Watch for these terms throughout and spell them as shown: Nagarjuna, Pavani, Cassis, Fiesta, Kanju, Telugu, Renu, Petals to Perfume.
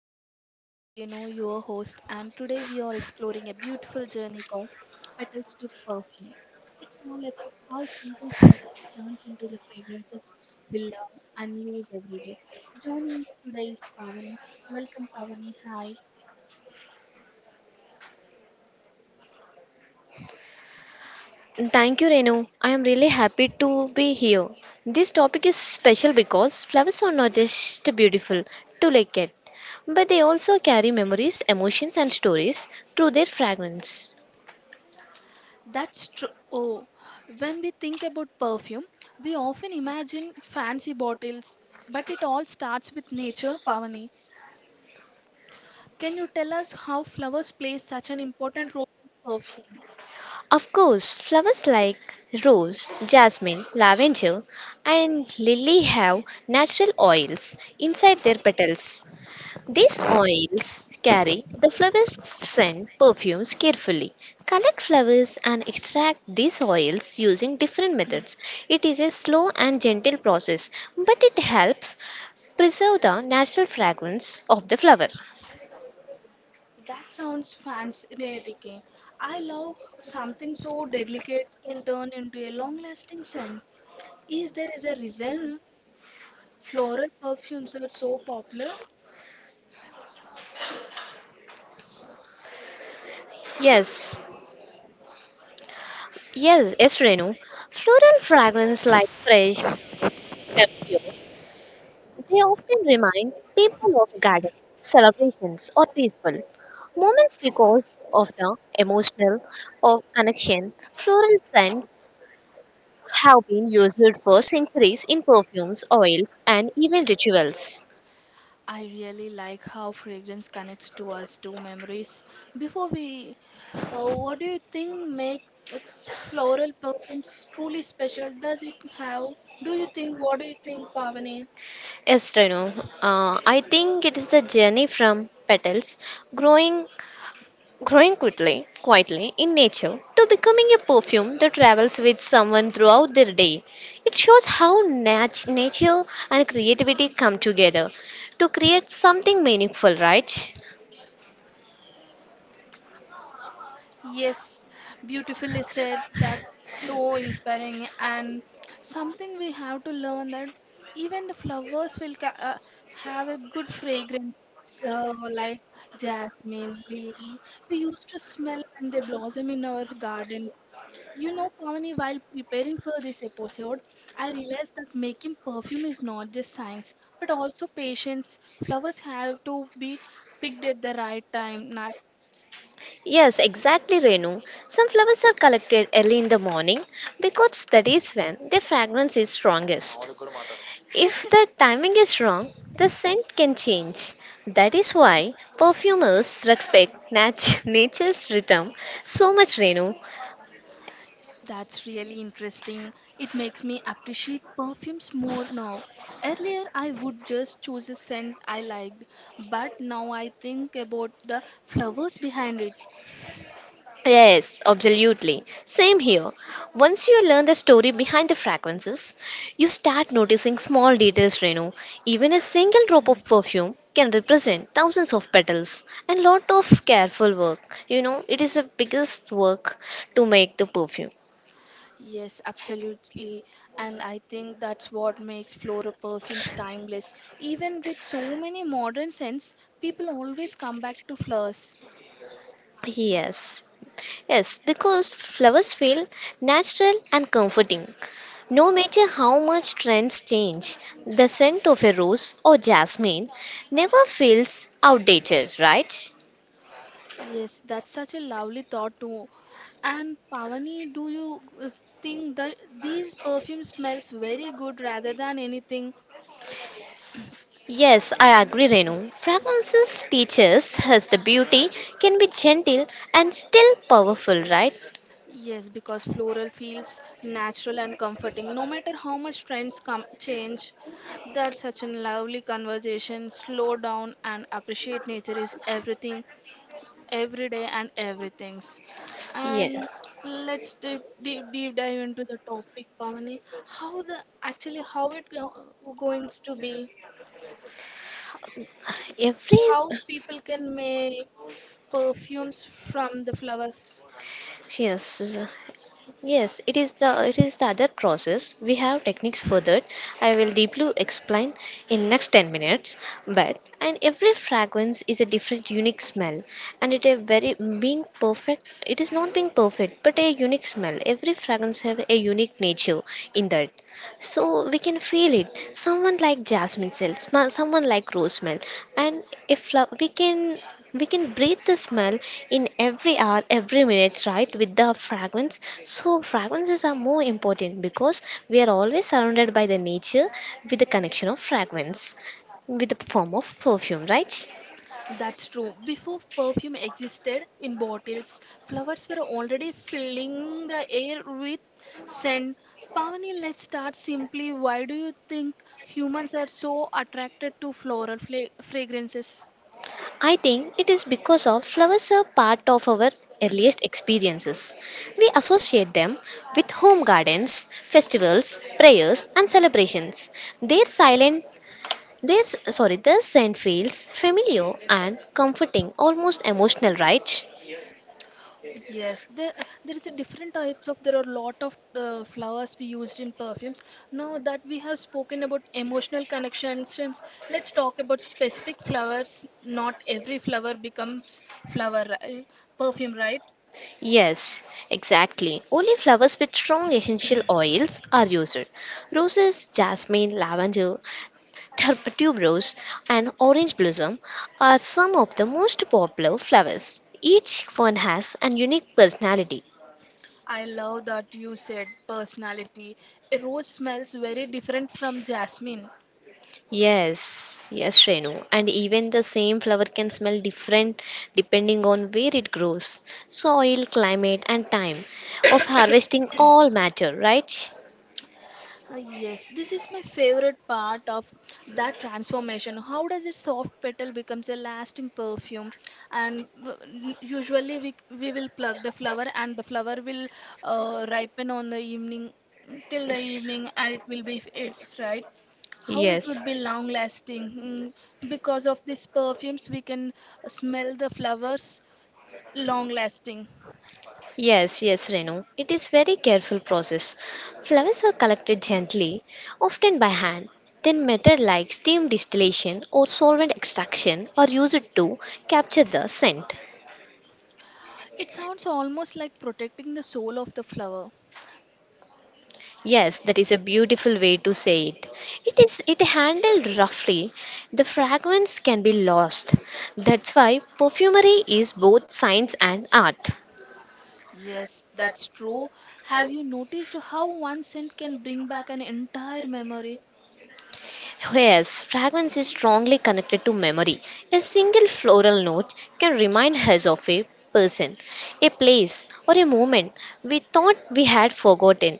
podcast. I am Renu, your host, and today we are exploring a beautiful journey called Petals to Perfume. It's all about how simple scent turns into the fragrances we love and use every day. Joining me today is Pavani. Welcome, Pavani. Hi. Thank you, Renu. I am really happy to be here. This topic is special because flowers are not just beautiful to look at, but they also carry memories, emotions, and stories through their fragrance. That's true. Oh, when we think about perfume, we often imagine fancy bottles, but it all starts with nature, Pavani. Can you tell us how flowers play such an important role in perfume? Of course, flowers like rose, jasmine, lavender, and lily have natural oils inside their petals. These It oils carry the flower's scent. Perfumes carefully collect flowers and extract these oils using different methods. It is a slow and gentle process, but it helps preserve the natural fragrance of the flower. sounds fascinating. I love something so delicate can turn into a long lasting scent. Is there is a reason floral perfumes are so popular? Yes, yes, yes, Renu. Floral fragrance like fresh perfume. They often remind people of gardens, celebrations, or peaceful moments because of the emotional of connection. Floral scents have been used for centuries in perfumes, oils, and even rituals. I really like how fragrance connects to us to memories. Before we, what do you think makes floral perfumes truly special? Does it have? Do you think? What do you think, Pavani? Yes, Renu. I think it is the journey from petals growing quickly, quietly in nature to becoming a perfume that travels with someone throughout their day. It shows how nature and creativity come together to create something meaningful, right? Yes, beautifully said. That's so inspiring and something we have to learn that even the flowers will have a good fragrance. Like jasmine, lily, we used to smell when they blossom in our garden. You know, Pavani, while preparing for this episode, I realized that making perfume is not just science, but also patience. Flowers have to be picked at the right time. Not Yes, exactly, Renu. Some flowers are collected early in the morning because that is when their fragrance is strongest. If the timing is wrong, the scent can change. That is why perfumers respect nature's rhythm so much, Renu. that's really interesting. It makes me appreciate perfumes more now. Earlier, I would just choose a scent I liked, but now I think about the flowers behind it. Yes, absolutely. Same here. Once you learn the story behind the fragrances, you start noticing small details, Renu. Even a single drop of perfume can represent thousands of petals and lot of careful work. You know, it is the biggest work to make the perfume. Yes, absolutely. And I think that's what makes floral perfumes timeless. Even with so many modern scents, people always come back to flowers. Yes. Yes, because flowers feel natural and comforting. No matter how much trends change, the scent of a rose or jasmine never feels outdated, right? Yes, that's such a lovely thought too. And Pavani, do you think that these perfume smells very good rather than anything? Yes, I agree, Renu. Fragrances teaches us the beauty can be gentle and still powerful, right? Yes, because floral feels natural and comforting, no matter how much trends come change. That such a lovely conversation. Slow down and appreciate nature is everything, every day and everything's. Yes. And let's deep dive into the topic, Pavani. How the actually how it going to be? How, Every how people can make perfumes from the flowers? yes, yes, it is the other process. We have techniques for that. I will deeply explain in next 10 minutes. But and every fragrance is a different unique smell, and it a very being perfect, it is not being perfect, but a unique smell. Every fragrance have a unique nature in that, so we can feel it. Someone like jasmine smell, someone like rose smell. And if lo- we can breathe the smell in every hour, every minute, right, with the fragrance. So fragrances are more important because we are always surrounded by the nature with the connection of fragrance, with the form of perfume, right? That's true. Before perfume existed in bottles, flowers were already filling the air with scent. Pavani, let's start simply. Why do you think humans are so attracted to floral fragrances? I think it is because of flowers are part of our earliest experiences. We associate them with home gardens, festivals, prayers and celebrations. Their silent, their scent feels familiar and comforting, almost emotional, right? Yes, there there is a different types of there are a lot of flowers we used in perfumes. Now that we have spoken about emotional connections, since let's talk about specific flowers. Not every flower becomes flower right? Perfume, right? Yes, exactly. Only flowers with strong essential oils are used. Roses, jasmine, lavender, tuberose and orange blossom are some of the most popular flowers. Each one has a unique personality. I love that you said personality. A rose smells very different from jasmine. Yes, yes, Shrenu. And even the same flower can smell different depending on where it grows. Soil, climate, and time of harvesting all matter, right? Ah, yes, this is my favorite part of that transformation. How does a soft petal becomes a lasting perfume? And usually we will pluck the flower, and the flower will ripen on the evening till the evening, and it will be it's right. How it Yes. would be long lasting because of these perfumes, we can smell the flowers long lasting. Yes, yes, Renu. It is very careful process. Flowers are collected gently, often by hand. Then method like steam distillation or solvent extraction are used to capture the scent. It sounds almost like protecting the soul of the flower. Yes, that is a beautiful way to say it. It is, it handled roughly, the fragrance can be lost. That's why perfumery is both science and art. Yes, that's true. Have you noticed how one scent can bring back an entire memory? Yes, fragrance is strongly connected to memory. A single floral note can remind us of a person, a place, or a moment we thought we had forgotten.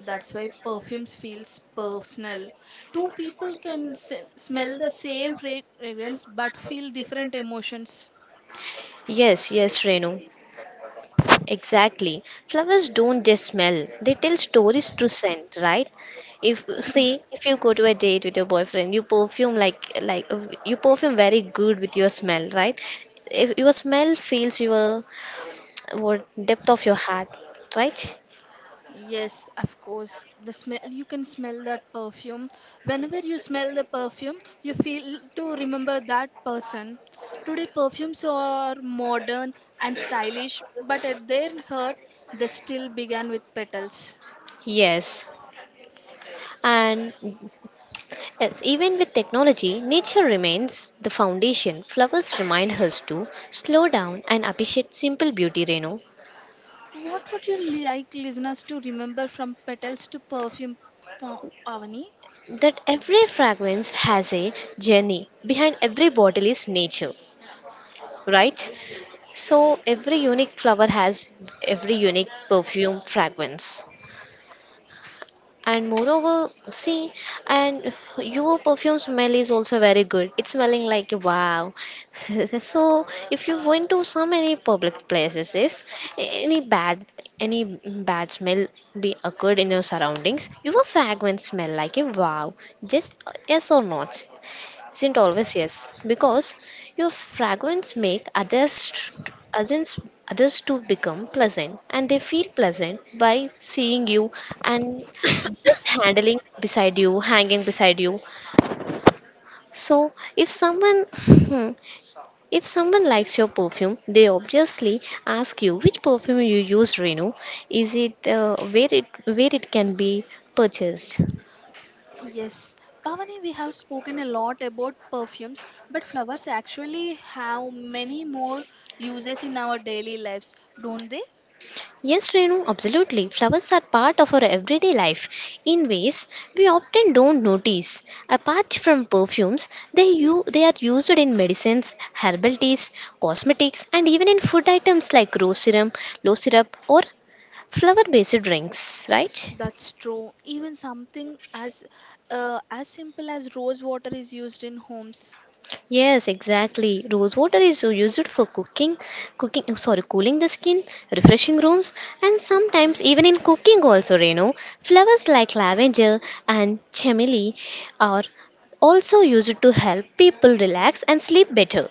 That's why perfumes feels personal. Two people can smell the same fragrance but feel different emotions. Yes, yes, Renu. Exactly. Flowers don't just smell, they tell stories through scent, right? If see, if you go to a date with your boyfriend, you perfume like you perfume very good with your smell, right? If your smell feels your what depth of your heart, right? Yes, of course. The smell you can smell that perfume. Whenever you smell the perfume, you feel to remember that person. Today perfumes are modern and stylish, but at their heart they still began with petals. Yes, and yes, even with technology, nature remains the foundation. Flowers remind us to slow down and appreciate simple beauty, Renu. What would you like listeners to remember from petals to perfume, Pa- Pavani? That every fragrance has a journey. Behind every bottle is nature, right? So every unique flower has every unique perfume fragrance. And moreover, see, and your perfume smell is also very good, it's smelling like wow. So if you went to some any public places, is any bad, any bad smell be occurred in your surroundings, your fragrance smell like a wow, just, yes or not, isn't always yes, because your fragrance make others, others, others to become pleasant, and they feel pleasant by seeing you and just handling beside you, hanging beside you. So if someone, if someone likes your perfume, they obviously ask you which perfume you use, Renu. Is it, where it can be purchased? Yes, Pavani, we have spoken a lot about perfumes, but flowers actually have many more uses in our daily lives, don't they? Yes, Renu, absolutely. Flowers are part of our everyday life in ways we often don't notice. Apart from perfumes, they, they are used in medicines, herbal teas, cosmetics, and even in food items like rose syrup, low syrup, or flower based drinks, right? That's true. Even something as simple as rose water is used in homes. Yes, exactly. Rose water is used for cooking, cooling the skin, refreshing rooms, and sometimes even in cooking also, you know. Flowers like lavender and chamomile are also used to help people relax and sleep better.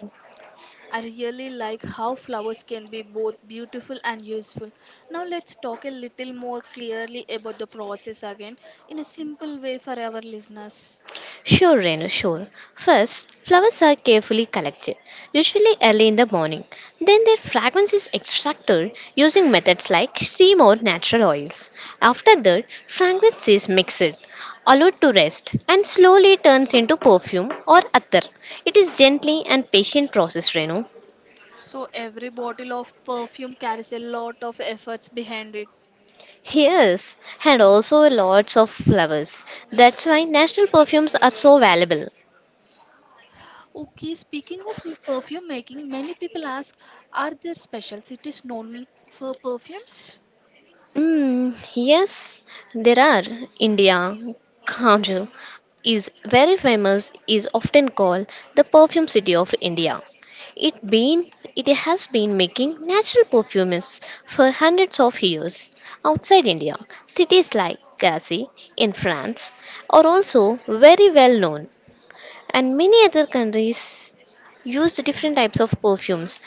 I really like how flowers can be both beautiful and useful. Now let's talk a little more clearly about the process again in a simple way for our listeners. Sure, Renu, sure. First, flowers are carefully collected, usually early in the morning. Then their fragrance is extracted using methods like steam or natural oils. After that, fragrance is mixed, allowed to rest, and slowly turns into perfume or attar. It is gently and patient process, Renu. So every bottle of perfume carries a lot of efforts behind it. Yes, and also lots of flowers. That's why national perfumes are so valuable. Okay, speaking of perfume making, many people ask are there special cities known for perfumes? Mm, yes, there are. India, Kanju is very famous, is often called the perfume city of India. It been it has been making natural perfumes for hundreds of years. Outside India, cities like Cassis in France are also very well known, and many other countries use different types of perfumes.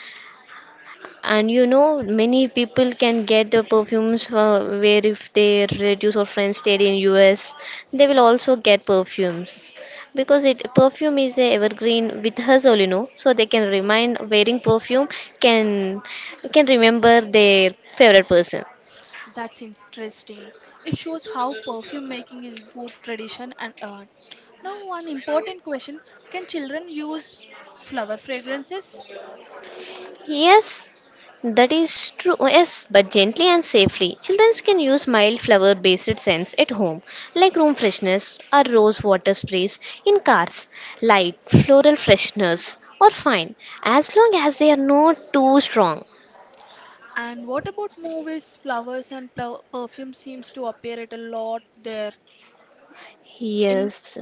And you know, many people can get the perfumes, where if their relatives or friends stayed in US, they will also get perfumes, because it perfume is a evergreen with us, you know. So they can remind, wearing perfume can can remember their favorite person. That's interesting. It shows how perfume making is both tradition and art. Now, one important question can children use flower fragrances? Yes, that is true. Yes, but gently and safely. Children can use mild flower based scents at home, like room fresheners or rose water sprays. In cars, light floral fresheners are fine, as long as they are not too strong. And what about movies? Flowers and perfume seems to appear at a lot there. In Yes,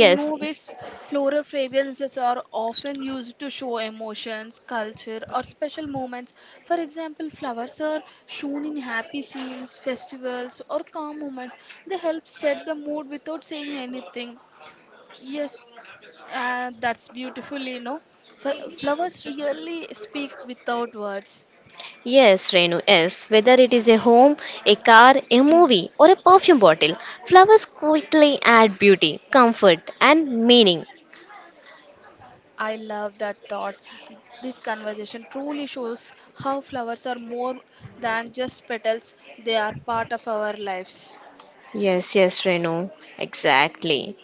In movies, floral fragrances are often used to show emotions, culture, or special moments. For example, flowers are shown in happy scenes, festivals, or calm moments. They help set the mood without saying anything. Yes, that's beautiful, you know. For flowers really speak without words. Yes, Renu, yes. Whether it is a home, a car, a movie, or a perfume bottle, flowers quickly add beauty, comfort, and meaning. I love that thought. This conversation truly shows how flowers are more than just petals, they are part of our lives. Yes, yes, Renu, exactly.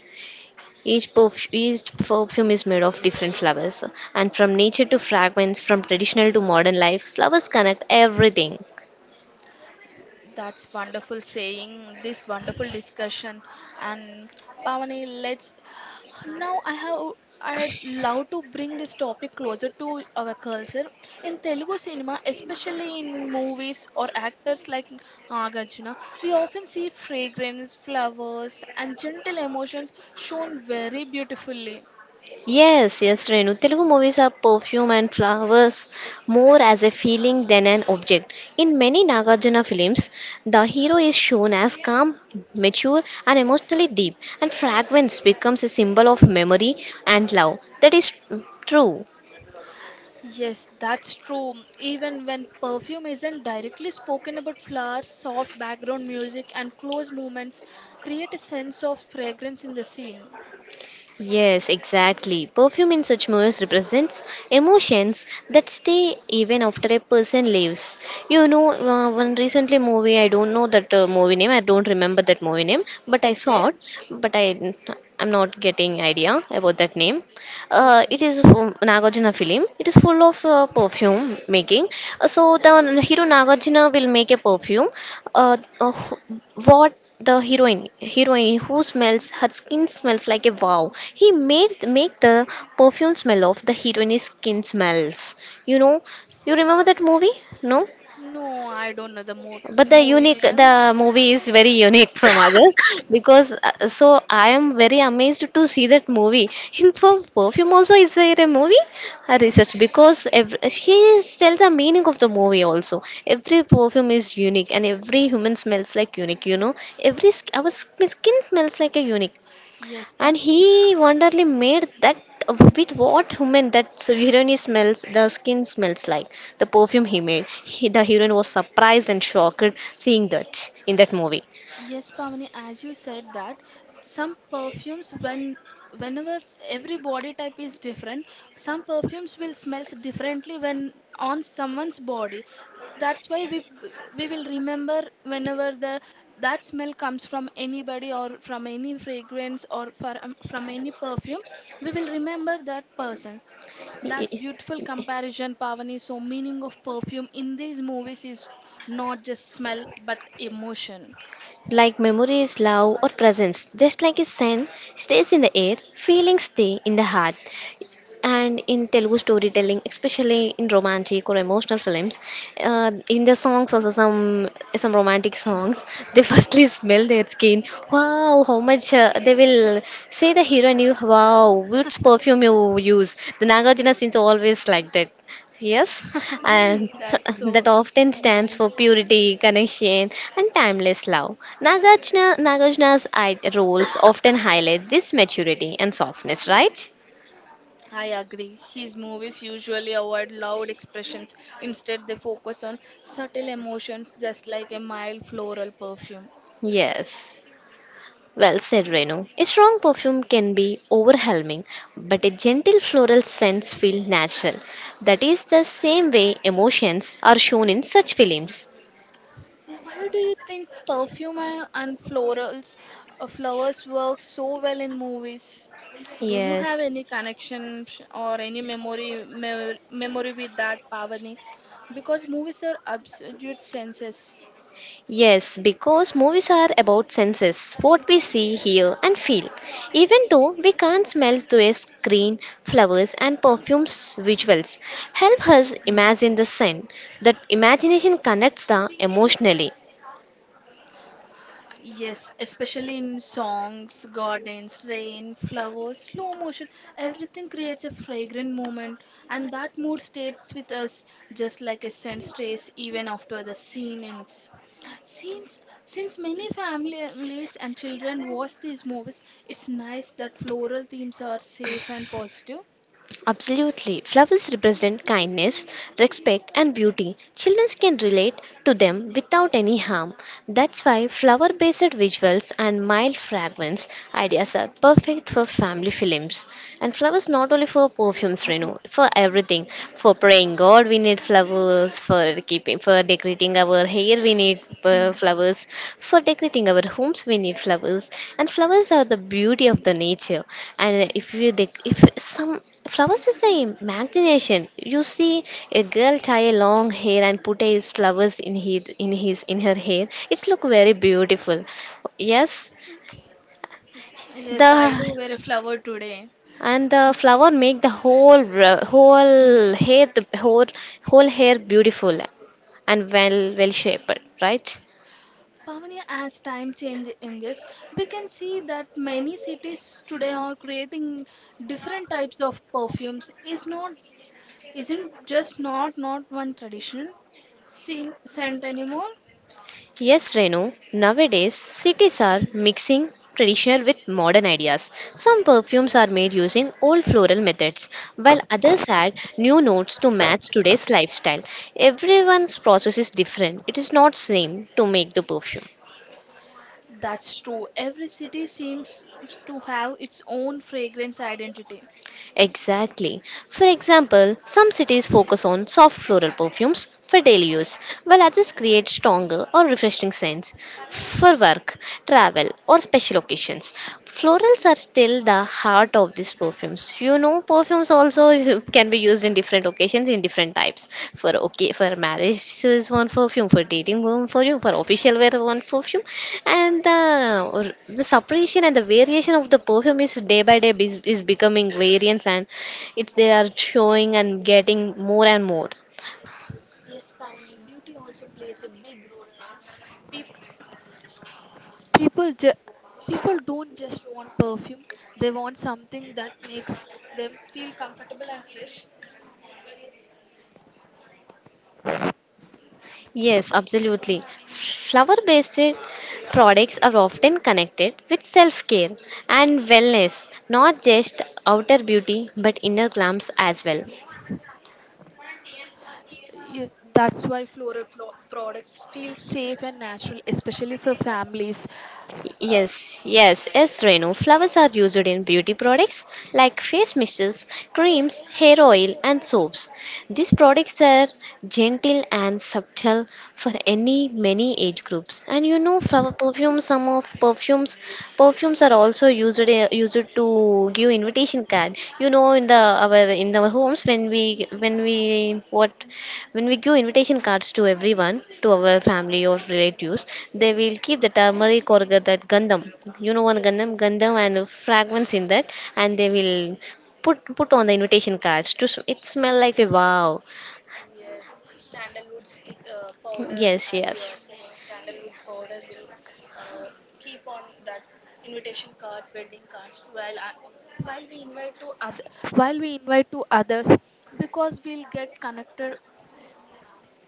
Each, each perfume is made of different flowers, and from nature to fragments, from traditional to modern life, flowers connect everything. That's wonderful saying, this wonderful discussion. And Pavani, let's now I have I'd love to bring this topic closer to our culture. In Telugu cinema, especially in movies or actors like Nagarjuna, we often see fragrance, flowers, and gentle emotions shown very beautifully. Yes, yes, Renu. Telugu movies are perfume and flowers more as a feeling than an object. In many Nagarjuna films, the hero is shown as calm, mature, and emotionally deep, and fragrance becomes a symbol of memory and love. That is true. Yes, that's true. Even when perfume isn't directly spoken about flowers, soft background music and close movements create a sense of fragrance in the scene. Yes, exactly. Perfume in such movies represents emotions that stay even after a person leaves. You know, one recently movie, I don't know that movie name, I don't remember that movie name, but I Okay, saw it, but I'm not getting idea about that name. It okay. is from Nagarjuna film. It is full of perfume making. So the hero Nagarjuna will make a perfume. Uh, uh, what the heroine, who smells her skin smells like a wow. He made make the perfume smell of the heroine's skin smells. You know, you remember that movie? No, No, I don't know the but movie the name. movie is very unique from others, because so I am very amazed to see that movie. In perfume also is there a movie. I researched, because every, he is tell the meaning of the movie also. Every perfume is unique and every human smells like unique, you know. Every our skin smells like a unique. Yes, And that's he wonderfully made that with what human that heroine smells, the skin smells like. The perfume he made. The heroine was surprised and shocked seeing that in that movie. yes, Pavani, as you said that some perfumes when whenever every body type is different, some perfumes will smells differently when on someone's body. That's why we we will remember whenever the that smell comes from anybody or from any fragrance or for, from any perfume, we will remember that person. That's beautiful comparison, Pavani. So meaning of perfume in these movies is not just smell but emotion. Like memories, love, or presence. Just like a scent stays in the air, feelings stay in the heart. And in Telugu storytelling, especially in romantic or emotional films, in the songs also, some romantic songs, they firstly smell their skin. Wow, how much they will say, the hero knew. Wow, which perfume you use? The Nagarjuna scenes always like that. Yes, and That's that so often stands nice. for purity, connection, and timeless love. Nagarjuna's eye roles often highlight this maturity and softness, right? I agree. His movies usually avoid loud expressions. Instead, they focus on subtle emotions, just like a mild floral perfume. Yes. Well said, Renu. A strong perfume can be overwhelming, but a gentle floral sense feels natural. That is the same way emotions are shown in such films. Why do you think perfume and florals, flowers work so well in movies? Do you Yes. have any connection or any memory with that, Pavani? Because movies are absolute senses. Yes, because movies are about senses, what we see, hear, and feel. Even though we can't smell through a screen, flowers and perfumes visuals help us Hmm. imagine the scent. That imagination connects the emotionally. Yes, especially in songs, gardens, rain, flowers, slow motion, everything creates a fragrant moment, and that mood stays with us just like a scent stays even after the scene ends. Since many families and children watch these movies, it's nice that floral themes are safe and positive. Absolutely. Flowers represent kindness, respect, and beauty. Children can relate to them without any harm. That's why flower based visuals and mild fragrance ideas are perfect for family films. And flowers not only for perfumes, Renu, for everything. For praying God, we need flowers. For keeping, for decorating our hair, we need flowers. For decorating our homes, we need flowers. And flowers are the beauty of the nature. And if you, dec- if some flowers is the imagination. You see a girl tie a long hair and put his flowers in his in his in her hair. It's look very beautiful. Yes, Yes, the I do wear a flower today. and the flower make the whole hair, the whole hair beautiful and well shaped, right? Pavani, as time change in this, we can see that many cities today are creating different types of perfumes. Is not isn't just not one traditional seen scent anymore. Yes, Renu. Nowadays, cities are mixing traditional with modern ideas. Some perfumes are made using old floral methods, while others add new notes to match today's lifestyle. Everyone's process is different. It is not same to make the perfume. That's true. Every city seems to have its own fragrance identity. Exactly. For example, some cities focus on soft floral perfumes for daily use, while others create stronger or refreshing scents for work, travel, or special occasions. Florals are still the heart of these perfumes. You know, perfumes also can be used in different occasions in different types. For okay, for marriage is one perfume, for dating one perfume, for official wear one perfume, and the separation and the variation of the perfume is day by day is becoming variants and it's they are showing and getting more and more. Yes, Pavani, beauty also plays a big role now. Peop- People, ju- people don't just want perfume; they want something that makes them feel comfortable and fresh. Yes, absolutely. Flower based products are often connected with self care and wellness, not just outer beauty but inner glamps as well. Yeah, that's why floral products feel safe and natural, especially for families. Uh, Yes, Renu. Flowers are used in beauty products like face mists, creams, hair oil, and soaps. These products are gentle and subtle for any many age groups. And you know, flower perfumes. Perfumes are also used used to give invitation card. You know, in the our in our homes when we give invitation cards to everyone, to our family or relatives, they will keep the turmeric or that gandham. You know, one gandham, gandham and fragments in that, and they will put on the invitation cards. It smell like a wow. Yes, yes. invitation cards, wedding cards, while while we invite to other, while we invite to others, because we'll get connected.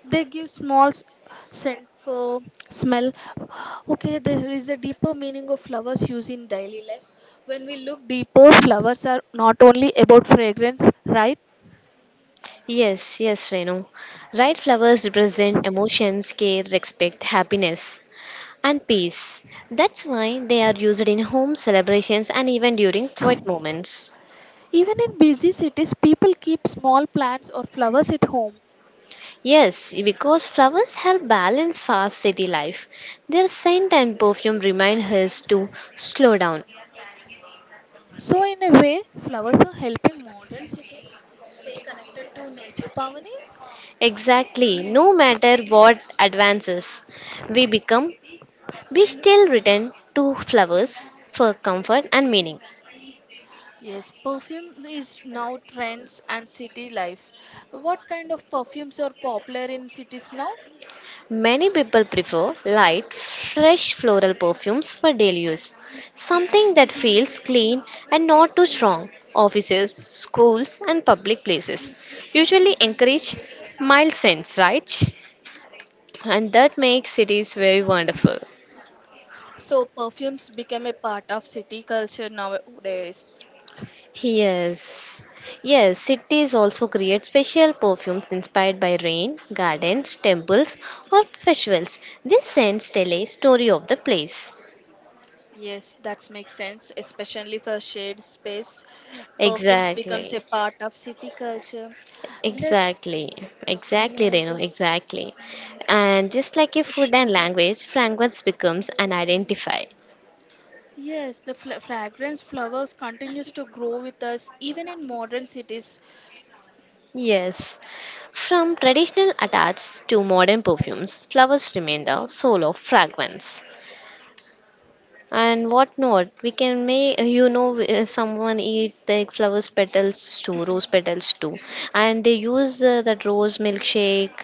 They give small scent for smell. Okay, there is a deeper meaning of flowers used in daily life. When we look deeper, flowers are not only about fragrance, right? Yes, yes, Renu. Right, flowers represent emotions, care, respect, happiness, and peace. That's why they are used in home celebrations and even during quiet moments. Even in busy cities, people keep small plants or flowers at home. Yes, because flowers help balance fast city life. Their scent and perfume remind us to slow down. So, in a way, flowers are helping modern cities stay connected to nature, Pavani. Exactly, no matter what advances we become, we still return to flowers for comfort and meaning. Yes, perfume is now trends and city life. What kind of perfumes are popular in cities now? Many people prefer light, fresh floral perfumes for daily use, something that feels clean and not too strong. Offices, schools, and public places usually encourage mild scents, right? And that makes cities very wonderful. So, perfumes became a part of city culture nowadays. Yes. Yes, cities also create special perfumes inspired by rain, gardens, temples, or festivals. These scents tell a story of the place. Yes, that makes sense, especially for shared space. Perfumes Exactly. becomes a part of city culture. Let's. Exactly, exactly, Yes. Renu, exactly. Mm, And just like your food sh- and uh, language, fragrance becomes an identifier. Yes, the fla fragrance flowers continues to grow with us even in modern cities. Yes, from traditional attacks to modern perfumes, flowers remain the soul of fragrance. And what not, we can make, you know, someone eat the flowers petals too, rose petals too, and they use that rose milkshake.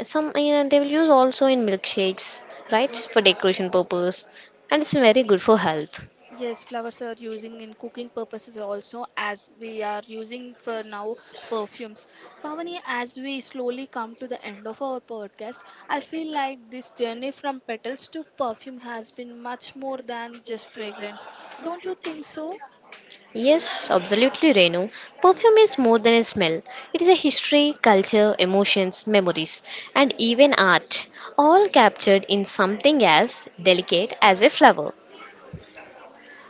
Some they will use also in milkshakes, right, Y- for decoration purpose, and it's very good for health. Yes, flowers are using in cooking purposes also as we are using for now perfumes. Pavani, as we slowly come to the end of our podcast, I feel like this journey from petals to perfume has been much more than just fragrance. Don't you think so? Yes, absolutely, Renu. Perfume is more than a smell. It is a history, culture, emotions, memories, and even art, all captured in something as delicate as a flower.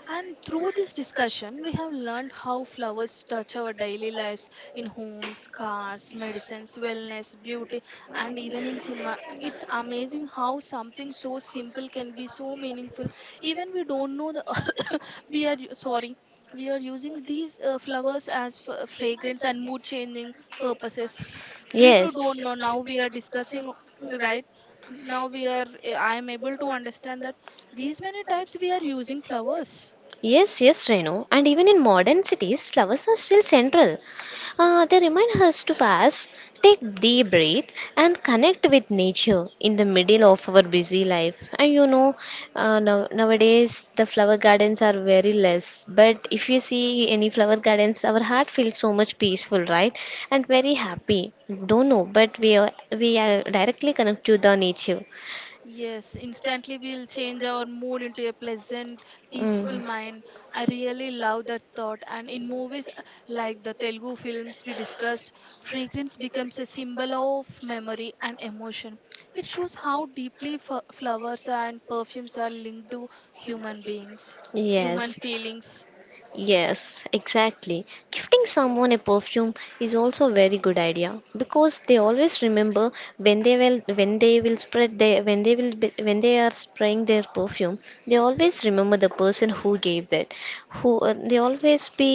And through this discussion, we have learned how flowers touch our daily lives in homes, cars, medicines, wellness, beauty, and even in cinema. It's amazing how something so simple can be so meaningful. Even we don't know the we are sorry we are using these flowers as fragrance and mood changing purposes. We too yes. Yes. Don't know. Now we are discussing right. Now we are I am able to understand that these many types we are using flowers. Yes, yes, Renu. And even in modern cities, flowers are still central. They remind us to pass, take deep breath, and connect with nature in the middle of our busy life. And you know, now, nowadays the flower gardens are very less. But if you see any flower gardens, our heart feels so much peaceful, right? And very happy. Don't know, but we are directly connected to the nature. Yes, instantly we'll change our mood into a pleasant, peaceful Mm. mind. I really love that thought. And in movies like the Telugu films we discussed, fragrance becomes a symbol of memory and emotion. It shows how deeply flowers and perfumes are linked to human beings, human Yes. feelings. Yes, exactly. Gifting someone a perfume is also a very good idea because they always remember when they will spread their when they will be, when they are spraying their perfume. They always remember the person who gave that. Who They always be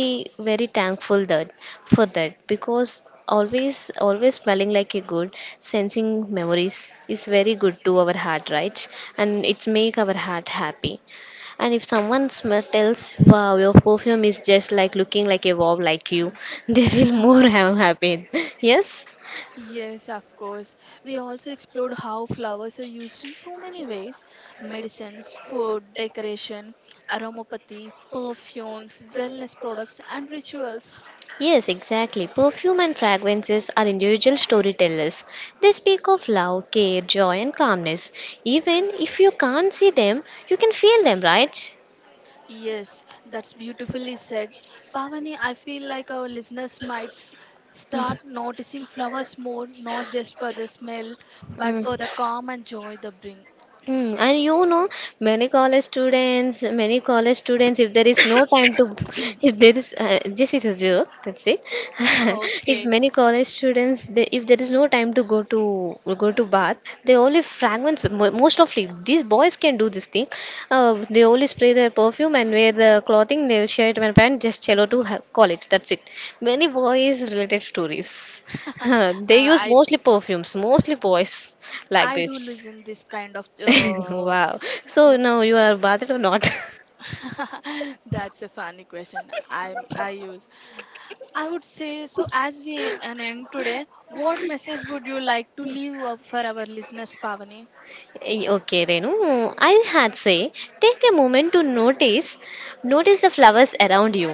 very thankful that for that, because always, always smelling like a good, sensing memories is very good to our heart, right? And it's make our heart happy. And if someone tells, wow, your perfume is just like looking like a wow like you, they feel more happy. Yes? Yes, of course. We also explored how flowers are used in so many ways medicines, food, decoration, aromatherapy, perfumes, wellness products, and rituals. Yes, exactly. Perfume and fragrances are individual storytellers. They speak of love, care, joy, and calmness. Even if you can't see them, you can feel them, right? Yes, that's beautifully said. Pavani, I feel like our listeners might start noticing flowers more, not just for the smell, but Mm. for the calm and joy they bring. Mm, and you know, many college students, if there is no time to, if there is, this is a joke, that's it. If Okay. many college students, they, if there is no time to go to bath, they only fragments. Most of these boys can do this thing. They only spray their perfume and wear the clothing, their shirt and pants, just cello to college. That's it. Many boys related stories. They use I mostly perfumes, mostly boys like I do this. listen this kind of Wow. So uh, now you are bathed or not? that's a funny question. I use. I would say so. As we an end today, what message would you like to leave up for our listeners, Pavani? Eh, okay, Renu. I had say, take a moment to notice the flowers around you.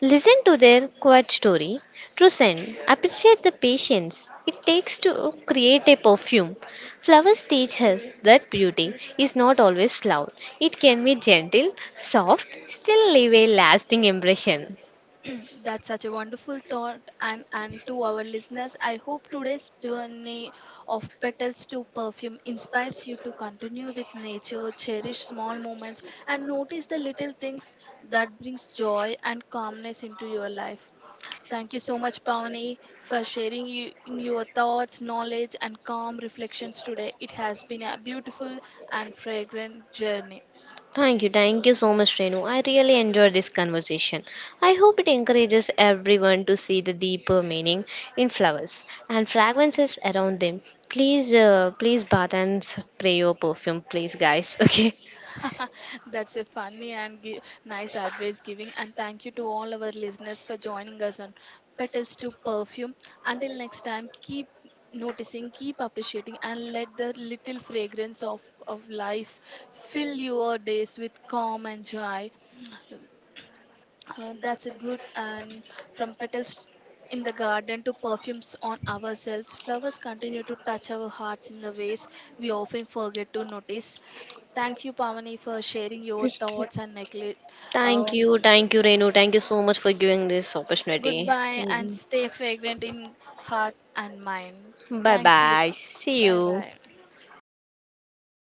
Listen to their quiet story. Trusen, appreciate the patience it takes to create a perfume. Flowers teach us that beauty is not always loud. It can be gentle, soft, still leave a lasting impression. Hmm. That's such a wonderful thought, and to our listeners, I hope today's journey of petals to perfume inspires you to continue with nature, cherish small moments, and notice the little things that brings joy and calmness into your life. Thank you so much, Pavani, for sharing you, your thoughts, knowledge, and calm reflections today. It has been a beautiful and fragrant journey. Thank you so much, Renu. I really enjoyed this conversation. I hope it encourages everyone to see the deeper meaning in flowers and fragrances around them. Please, please bath and spray your perfume, please, guys. Okay. That's a funny and nice advice giving. And thank you to all our listeners for joining us on Petals to Perfume. Until next time, keep noticing, keep appreciating, and let the little fragrance of life fill your days with calm and joy. That's a good and from petals in the garden to perfumes on ourselves, flowers continue to touch our hearts in the ways we often forget to notice. Thank you, Pavani, for sharing your thoughts and necklace. Thank Um, you, thank you, Renu. Thank you so much for giving this opportunity. goodbye and stay fragrant in heart and mind. Bye Thank you. bye. See Bye you. bye.